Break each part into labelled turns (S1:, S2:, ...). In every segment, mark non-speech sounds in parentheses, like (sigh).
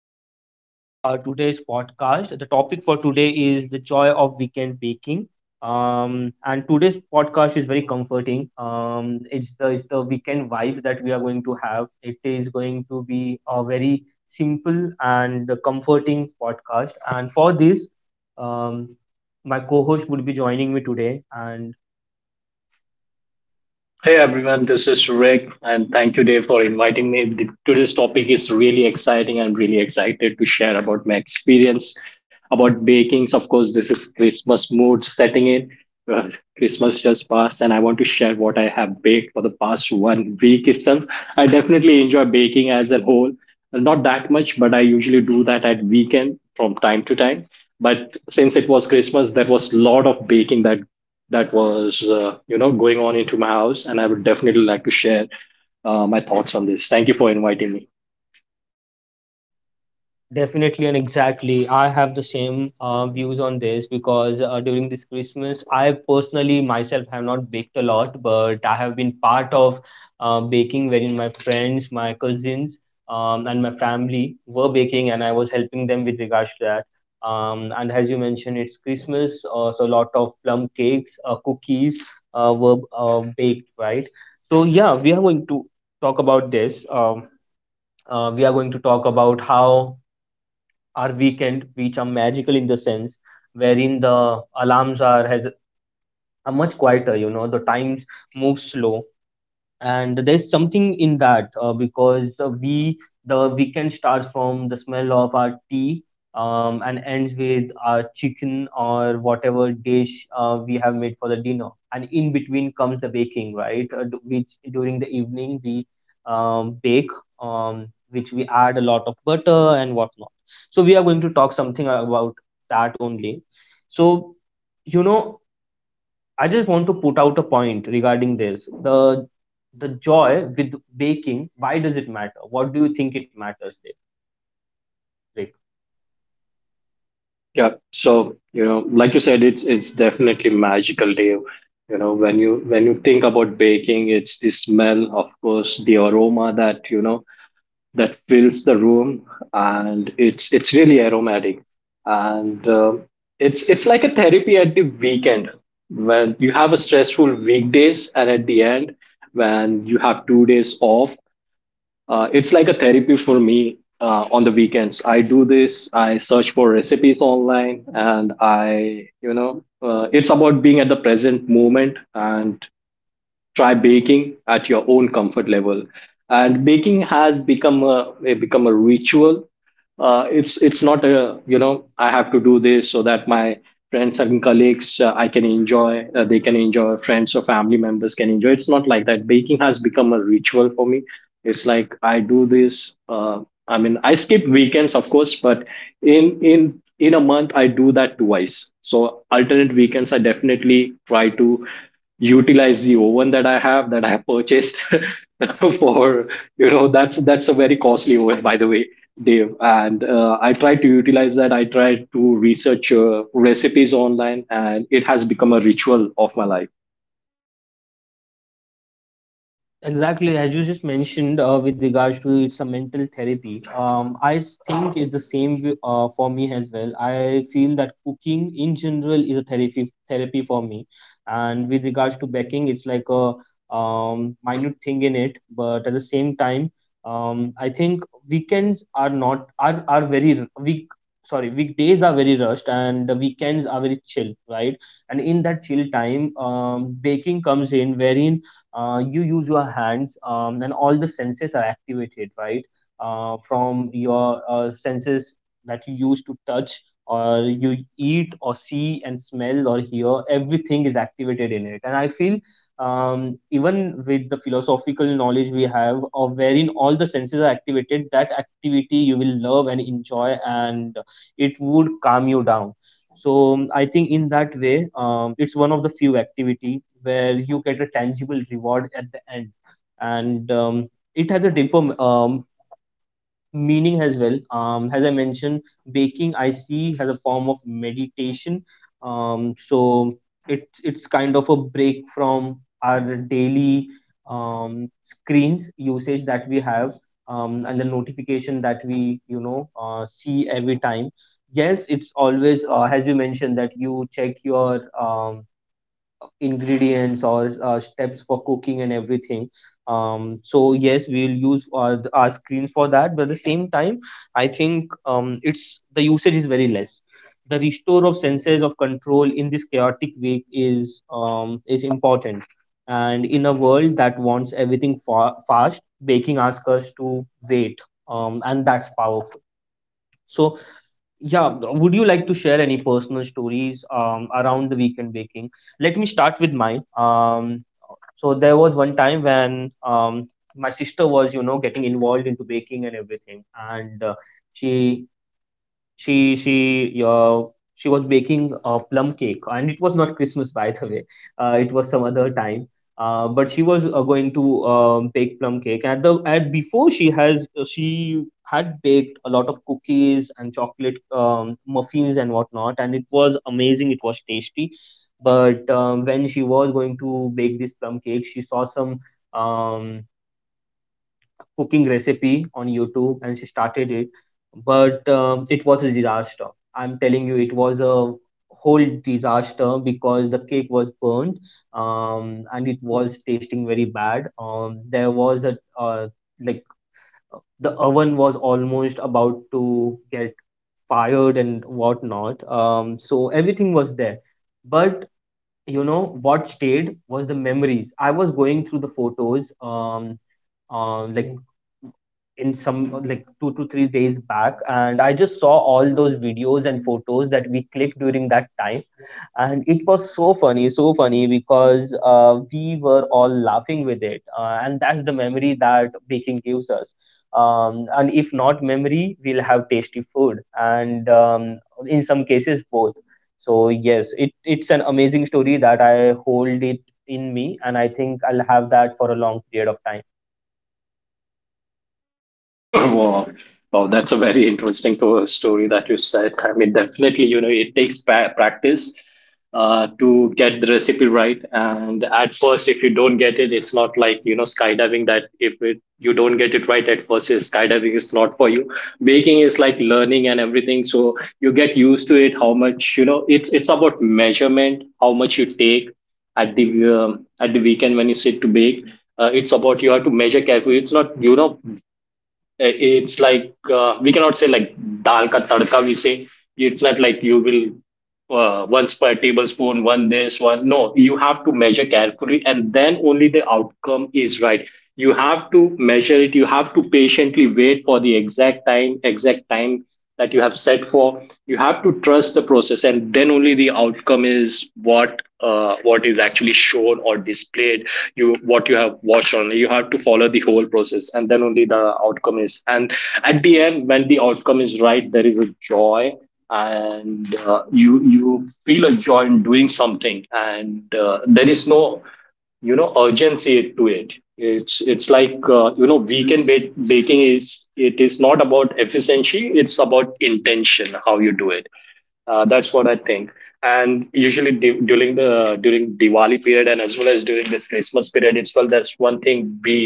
S1: Welcome to today's podcast. The topic for today is the joy of weekend baking. And today's podcast is very comforting. It's the weekend vibe that we are going to have. It is going to be a very simple and comforting podcast. And for this, um, my co-host would be joining me today, and
S2: Hey everyone, this is Rick, and thank you, Dave, for inviting me. Today's topic is really exciting. I'm really excited to share about my experience about baking. Of course, this is Christmas mood setting in. Uh, Christmas just passed, and I want to share what I have baked for the past one week itself. I definitely enjoy baking as a whole. Not that much, but I usually do that at weekend from time to time. But since it was Christmas, there was a lot of baking that was going on into my house, and I would definitely like to share my thoughts on this. Thank you for inviting me.
S1: definitely and exactly. I have the same views on this because during this Christmas, I personally myself have not baked a lot, but I have been part of baking wherein my friends, my cousins, and my family were baking, and I was helping them with regards to that. And as you mentioned, it's Christmas, so a lot of plum cakes, cookies were baked, right? So, yeah, we are going to talk about this. We are going to talk about how our weekend, which are magical in the sense wherein the alarms are has are much quieter. You know, the times move slow, and there's something in that because we the weekend starts from the smell of our tea, and ends with our chicken or whatever dish we have made for the dinner, and in between comes the baking, right? Which during the evening we bake, which we add a lot of butter and whatnot. So we are going to talk something about that only. So you know I just want to put out a point regarding this. The joy with baking, why does it matter? What do you think it matters, there, Rick?
S2: Yeah, so you know, like you said, it's definitely magical, Dave. You know, when you think about baking, it's the smell, of course, the aroma that that fills the room, and it's really aromatic, and it's like a therapy at the weekend when you have a stressful weekdays, and at the end when you have two days off. It's like a therapy for me on the weekends. I do this. I search for recipes online, and I it's about being at the present moment and try baking at your own comfort level. And baking has become become a ritual. It's not a, you know, I have to do this so that my friends and colleagues, I can enjoy, they can enjoy, friends or family members can enjoy. It's not like that. Baking has become a ritual for me. It's like I do this. I mean, I skip weekends, of course, but in a month I do that twice. So alternate weekends I definitely try to utilize the oven that I have, purchased (laughs) for, you know, that's a very costly oven, by the way, Dave. And I try to utilize that. I try to research recipes online, and it has become a ritual of my life.
S1: Exactly, as you just mentioned, with regards to it's a mental therapy. I think it's the same for me as well. I feel that cooking in general is a therapy for me, and with regards to baking, it's like a minute thing in it. But at the same time, I think weekends are not are are very r- week sorry weekdays are very rushed and the weekends are very chill, right? And in that chill time, baking comes in wherein you use your hands, and all the senses are activated, right? From your senses that you use to touch, or you eat or see and smell or hear, everything is activated in it. And I feel, even with the philosophical knowledge we have, of wherein all the senses are activated, that activity you will love and enjoy, and it would calm you down. So, I think in that way, it's one of the few activity where you get a tangible reward at the end, and it has a deeper meaning as well. As I mentioned, baking I see as a form of meditation. So it's kind of a break from our daily screens usage that we have. And the notification that we, see every time. Yes, it's always, as you mentioned, that you check your, ingredients or steps for cooking and everything. So yes, we will use our screens for that, but at the same time I think, it's the usage is very less. The restore of senses of control in this chaotic week is, is important. And in a world that wants everything fast, baking asks us to wait, and that's powerful. So yeah, would you like to share any personal stories around the weekend baking? Let me start with mine. So there was one time when, my sister was, you know, getting involved into baking and everything, and she she she uh, she was baking a plum cake, and it was not Christmas by the way. It was some other time. But she was going to bake plum cake at the at before she has she had baked a lot of cookies and chocolate, muffins and whatnot, and it was amazing, it was tasty. But when she was going to bake this plum cake, she saw some, um, cooking recipe on YouTube and she started it, but it was a disaster. I'm telling you, it was a whole disaster because the cake was burnt, and it was tasting very bad. There was a, like the oven was almost about to get fired and whatnot. So everything was there, but you know what stayed was the memories. I was going through the photos, uh, like in some like 2 to 3 days back, and I just saw all those videos and photos that we clicked during that time, and it was so funny, so funny, because we were all laughing with it. And that's the memory that baking gives us, and if not memory, we'll have tasty food and, in some cases both. So yes, it's an amazing story that I hold it in me, and I think I'll have that for a long period of time.
S2: (laughs) Wow. Wow, that's a very interesting story that you said. I mean, definitely, you know, it takes practice to get the recipe right. And at first, if you don't get it, it's not like, you know, skydiving that if it, you don't get it right at first, skydiving is not for you. Baking is like learning and everything. So you get used to it, how much, you know, it's about measurement, how much you take at the weekend when you sit to bake. It's about you have to measure carefully. It's not, you know, it's like, we cannot say like dal ka tadka. We say it's not like you will, once per tablespoon, one this, one. No, you have to measure carefully, and then only the outcome is right. You have to measure it. You have to patiently wait for the exact time that you have set for. You have to trust the process, and then only the outcome is what, what is actually shown or displayed, you, what you have watched on. You have to follow the whole process, and then only the outcome is. And at the end, when the outcome is right, there is a joy. And you feel a joy in doing something. And there is no, you know, urgency to it. It's like, you know, weekend baking is, it is not about efficiency, it's about intention, how you do it. That's what I think. And usually during the, during Diwali period, and as well as during this Christmas period, it's well, that's one thing we,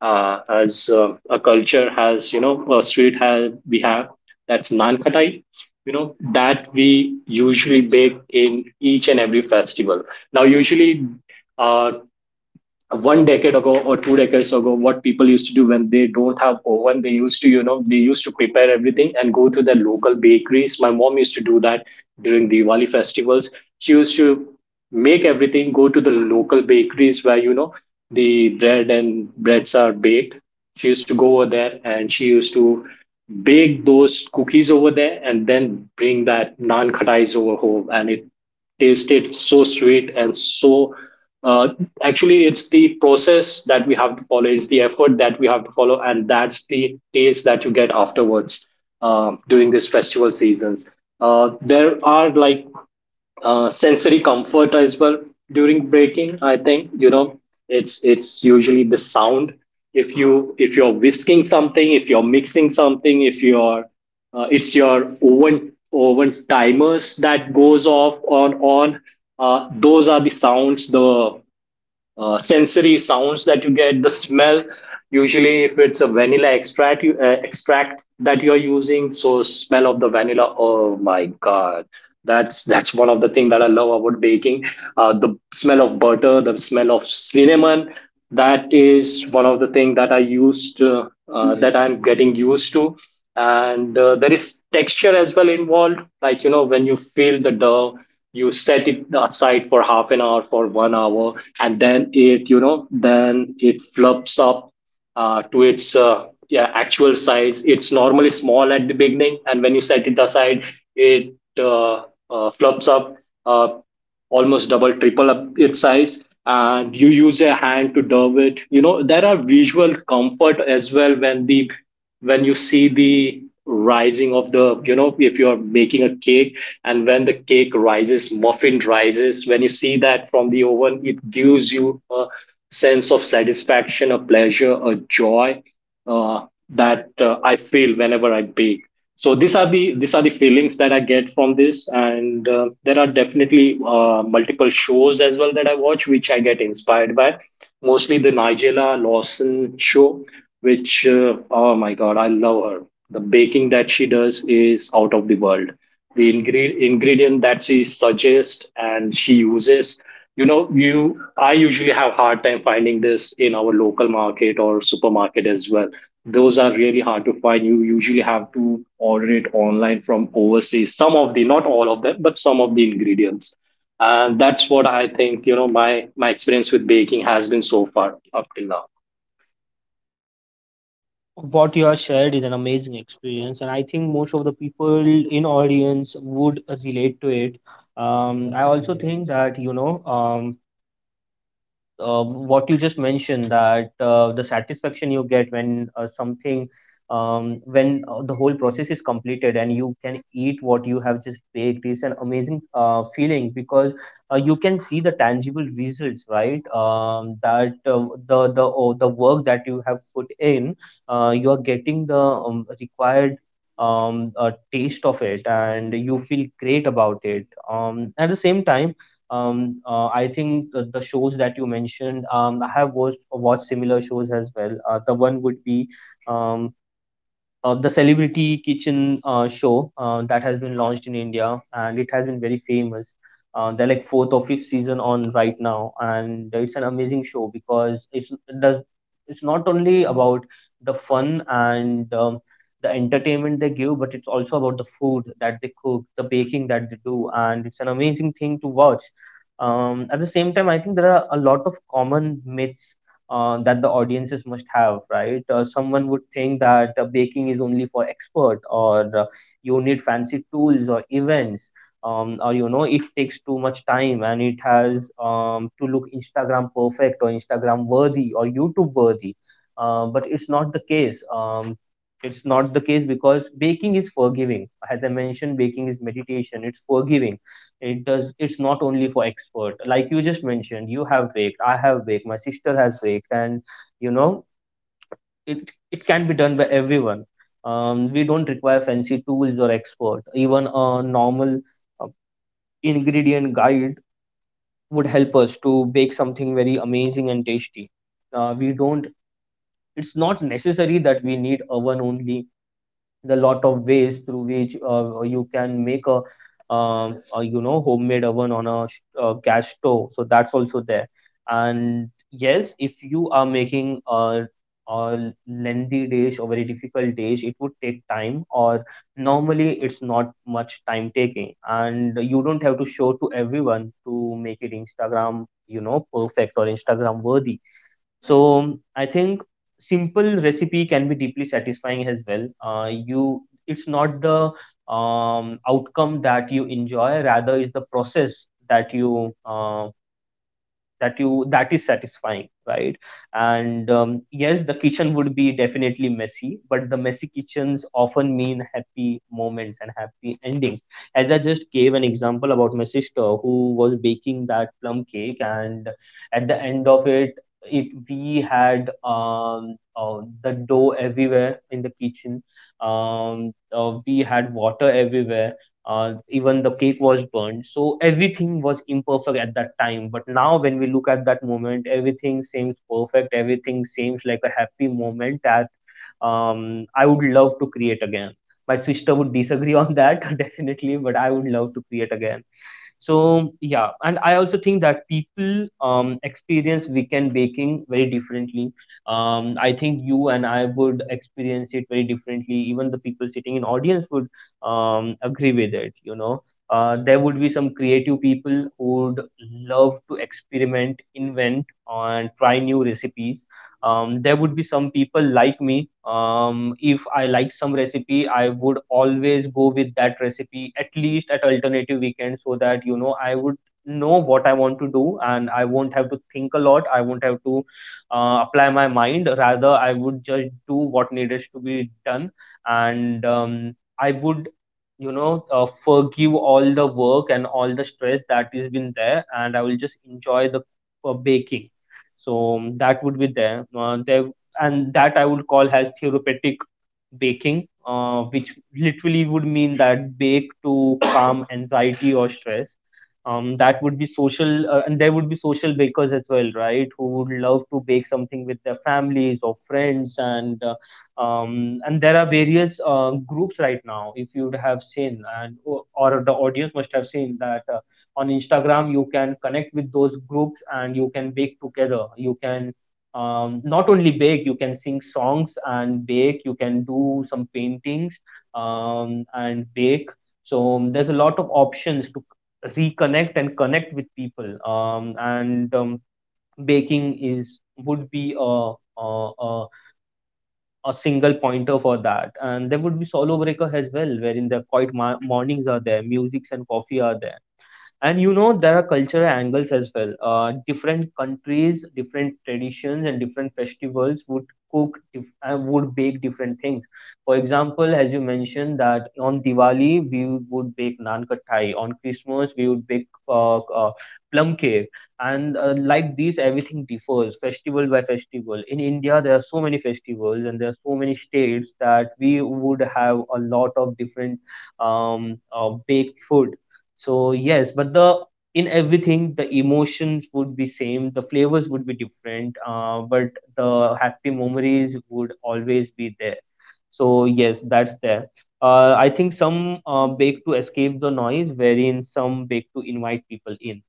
S2: as a culture has, you know, a sweet has, we have, that's naan khatai, you know, that we usually bake in each and every festival. Now, usually, uh, one decade ago or two decades ago, what people used to do when they don't have oven, they used to, you know, they used to prepare everything and go to their local bakeries. My mom used to do that during Diwali festivals. She used to make everything, go to the local bakeries where, you know, the bread and breads are baked. She used to go over there, and she used to bake those cookies over there, and then bring that naan khatais over home, and it tasted so sweet and so, uh, actually, it's the process that we have to follow. It's the effort that we have to follow, and that's the taste that you get afterwards, during these festival seasons. There are like, sensory comfort as well during breaking, I think. You know, it's usually the sound. If you, if you're whisking something, if you're mixing something, if you're, it's your oven timers that goes off on, those are the sounds, the sensory sounds that you get, the smell. Usually, if it's a vanilla extract, you, extract that you're using, so smell of the vanilla. Oh my God, that's one of the things that I love about baking. The smell of butter, the smell of cinnamon. That is one of the things that I used that I'm getting used to. And there is texture as well involved, like, you know, when you feel the dough, you set it aside for half an hour, for one hour, and then it, you know, then it fluffs up to its yeah, actual size. It's normally small at the beginning, and when you set it aside, it fluffs up uh, almost double, triple up its size, and you use a hand to dove it. You know, there are visual comfort as well when the, when you see the rising of the, you know, if you're making a cake, and when the cake rises, muffin rises, when you see that from the oven, it gives you a sense of satisfaction, a pleasure, a joy, that I feel whenever I bake. So these are the, these are the feelings that I get from this. And there are definitely multiple shows as well that I watch, which I get inspired by, mostly the Nigella Lawson show, which, oh my God, I love her. The baking that she does is out of the world. The ingredient that she suggests and she uses, you know, you, I usually have hard time finding this in our local market or supermarket as well. Those are really hard to find. You usually have to order it online from overseas. Some of the, not all of them, but some of the ingredients. And that's what I think, you know, my experience with baking has been so far up till now.
S1: What you have shared is an amazing experience, and I think most of the people in audience would relate to it. I also think that, um, what you just mentioned, that the satisfaction you get when, something when the whole process is completed and you can eat what you have just baked is an amazing feeling, because you can see the tangible results, right? Um, that uh, the the oh, the work that you have put in, you are getting the, required taste of it, and you feel great about it. Um, at the same time, I think the shows that you mentioned, um, I have watched similar shows as well. The one would be, um the celebrity kitchen show, that has been launched in India, and it has been very famous. They're like fourth or fifth season on right now, and it's an amazing show because it does it's not only about the fun and, the entertainment they give, but it's also about the food that they cook, the baking that they do, and it's an amazing thing to watch. At the same time, I think there are a lot of common myths that the audiences must have, right? Someone would think that baking is only for expert, or you need fancy tools or events, or you know it takes too much time and it has, to look Instagram perfect or Instagram worthy or YouTube worthy. But it's not the case. It's not the case because baking is forgiving. As I mentioned, baking is meditation. It's forgiving. It does. It's not only for expert. Like you just mentioned, you have baked. I have baked. My sister has baked, and you know, it can be done by everyone. We don't require fancy tools or expert. Even a normal uh, ingredient guide would help us to bake something very amazing and tasty. We don't. It's not necessary that we need oven only. The lot of ways through which, you can make a, a, you know, homemade oven on a gas stove, so that's also there. And yes, if you are making a lengthy dish or very difficult dish, it would take time, or normally it's not much time taking, and you don't have to show to everyone to make it Instagram, you know, perfect or Instagram worthy. So I think simple recipe can be deeply satisfying as well. It's not the outcome that you enjoy, rather is the process that is satisfying, right? And yes, the kitchen would be definitely messy, but the messy kitchens often mean happy moments and happy endings, as I just gave an example about my sister who was baking that plum cake, and at the end of it, we had the dough everywhere in the kitchen. um we had water everywhere. Even the cake was burned, so everything was imperfect at that time, but now when we look at that moment, everything seems perfect, everything seems like a happy moment that I would love to create again. My sister would disagree on that (laughs) definitely, but I would love to create again. So yeah, and I also think that people experience weekend baking very differently. I think you and I would experience it very differently. Even the people sitting in audience would agree with it. There would be some creative people who would love to experiment, invent and try new recipes. There would be some people like me. If I like some recipe, I would always go with that recipe at least at alternative weekend, so that you know I would know what I want to do, and I won't have to think a lot, I won't have to apply my mind, rather I would just do what needed to be done. And I would forgive all the work and all the stress that is been there, and I will just enjoy the baking. So that would be there, there. And that I would call as therapeutic baking, which literally would mean that bake to calm anxiety or stress. That would be social, and there would be social bakers as well, right, who would love to bake something with their families or friends, and there are various groups right now. If you would have seen, or the audience must have seen that, on Instagram you can connect with those groups, and you can bake together, you can not only bake, you can sing songs and bake, you can do some paintings, and bake. So there's a lot of options to reconnect and connect with people, and baking is would be a single pointer for that. And there would be solo breaker as well, wherein the quiet mornings are there, musics and coffee are there. And you know, there are cultural angles as well. Different countries, different traditions, and different festivals would would bake different things. For example, as you mentioned, that on Diwali we would bake naan kattai, on Christmas we would bake plum cake. And like these, everything differs festival by festival. In India there are so many festivals, and there are so many states, that we would have a lot of different baked food. So yes, but the in everything, the emotions would be same, the flavors would be different, but the happy memories would always be there. So yes, that's there. I think some bake to escape the noise, wherein some bake to invite people in.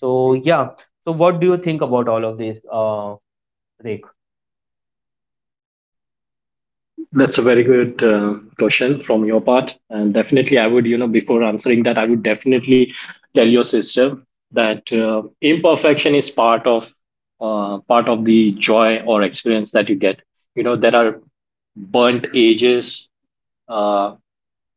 S1: So yeah. So what do you think about all of this, Rek?
S2: That's a very good question from your part. And definitely, I would, you know, before answering that, I would definitely tell your sister that, imperfection is part of, part of the joy or experience that you get. You know, there are burnt edges, Uh,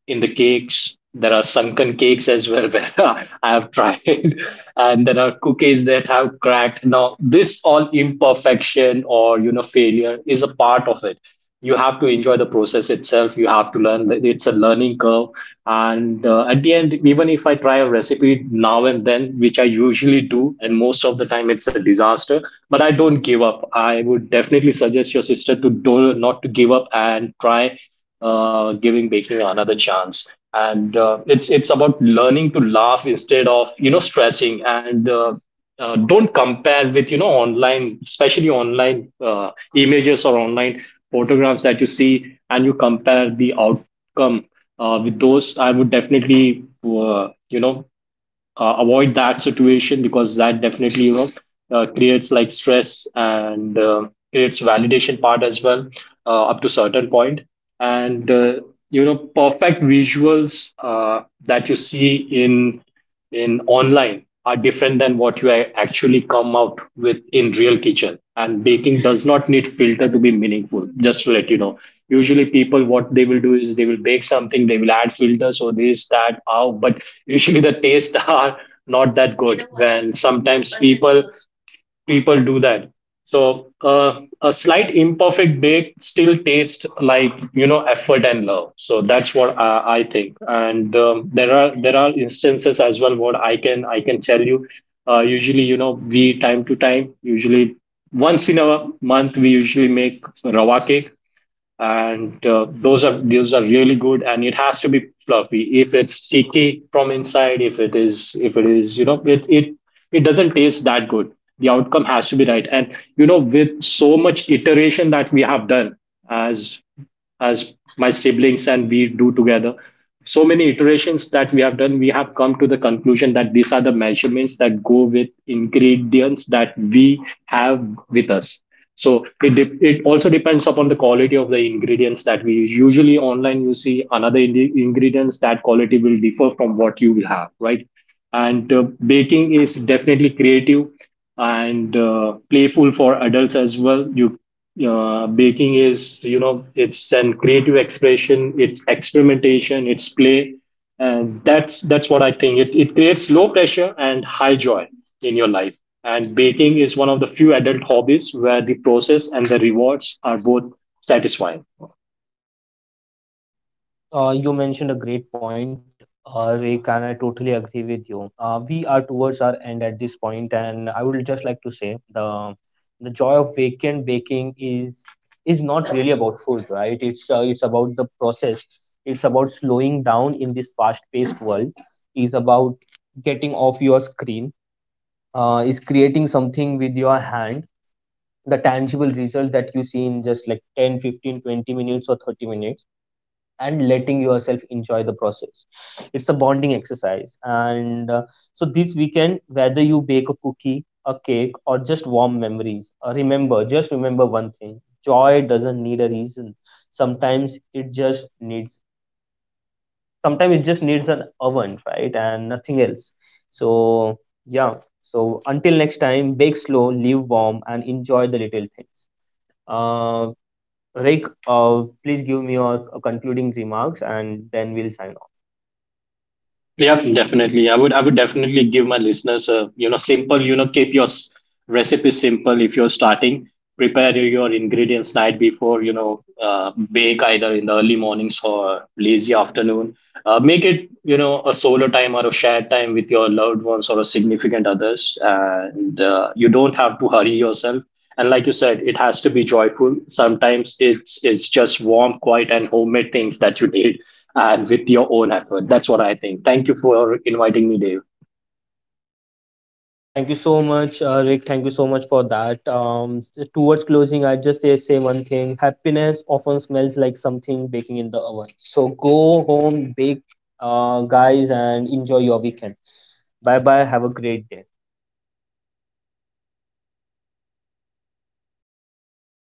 S2: in the cakes. There are sunken cakes as well where (laughs) I have tried, and there are cookies that have cracked. Now, this all imperfection, or you know, failure is a part of it. You have to enjoy the process itself. You have to learn. That It's a learning curve, and at the end, even if I try a recipe now and then, which I usually do, and most of the time it's a disaster, but I don't give up. I would definitely suggest your sister to do not to give up and try giving baking another chance. And it's about learning to laugh instead of, you know, stressing. And don't compare with, you know, online, especially online images or online photographs that you see, and you compare the outcome with those. I would definitely, you know, avoid that situation, because that definitely, you know, creates like stress, and creates validation part as well, up to certain point. And you know, perfect visuals that you see in in online are different than what you actually come out with in real kitchen. And baking does not need filter to be meaningful, just to let you know. Usually, people, what they will do is, they will bake something, they will add filters or this, that, wow. But usually the tastes (laughs) are not that good when sometimes people do that. So a slight imperfect bake still tastes like, you know, effort and love. So that's what I think. And there are, there are instances as well, what I can tell you. Usually, you know, we, time to time, usually once in a month, we usually make rava cake. And those are, those are really good, and it has to be fluffy. If it's sticky from inside, if it is, if it is you know, it it doesn't taste that good. The outcome has to be right. And you know, with so much iteration that we have done, as as my siblings and we do together. So many iterations that we have done, we have come to the conclusion that these are the measurements that go with ingredients that we have with us. So it, it also depends upon the quality of the ingredients that we use. Usually online, you see another ingredients, that quality will differ from what you will have, right? And baking is definitely creative, and playful for adults as well. You, baking is, you know, it's an creative expression, it's experimentation, it's play. And that's what I think, it creates low pressure and high joy in your life. And baking is one of the few adult hobbies where the process and the rewards are both satisfying.
S1: You mentioned a great point, Rick, and I totally agree with you. We are towards our end at this point, and I would just like to say the joy of weekend baking is not really about food, right? It's about the process. It's about slowing down in this fast-paced world. Is about getting off your screen. Is creating something with your hand. The tangible result that you see in just like 10, 15, 20 minutes or 30 minutes, and letting yourself enjoy the process. It's a bonding exercise, and so this weekend, whether you bake a cookie, a cake, or just warm memories, remember one thing: joy doesn't need a reason. sometimes it just needs Sometimes it just needs an oven, right, and nothing else. So yeah. So until next time, bake slow, live warm, and enjoy the little things. uh, Rick, please give me your concluding remarks, and then we'll sign off.
S2: Yeah, definitely. I would definitely give my listeners a, you know, simple, you know, keep your recipe simple if you're starting. Prepare your ingredients night before, you know, bake either in the early mornings or lazy afternoon. Make it, you know, a solo time or a shared time with your loved ones or a significant others, and you don't have to hurry yourself. And like you said, it has to be joyful. Sometimes it's just warm, quiet, and homemade things that you need, and with your own effort. That's what I think. Thank you for inviting me, Dave.
S1: Thank you so much, Rick. Thank you so much for that. Towards closing, I just say one thing: happiness often smells like something baking in the oven. So go home, bake, guys, and enjoy your weekend. Bye bye. Have a great day.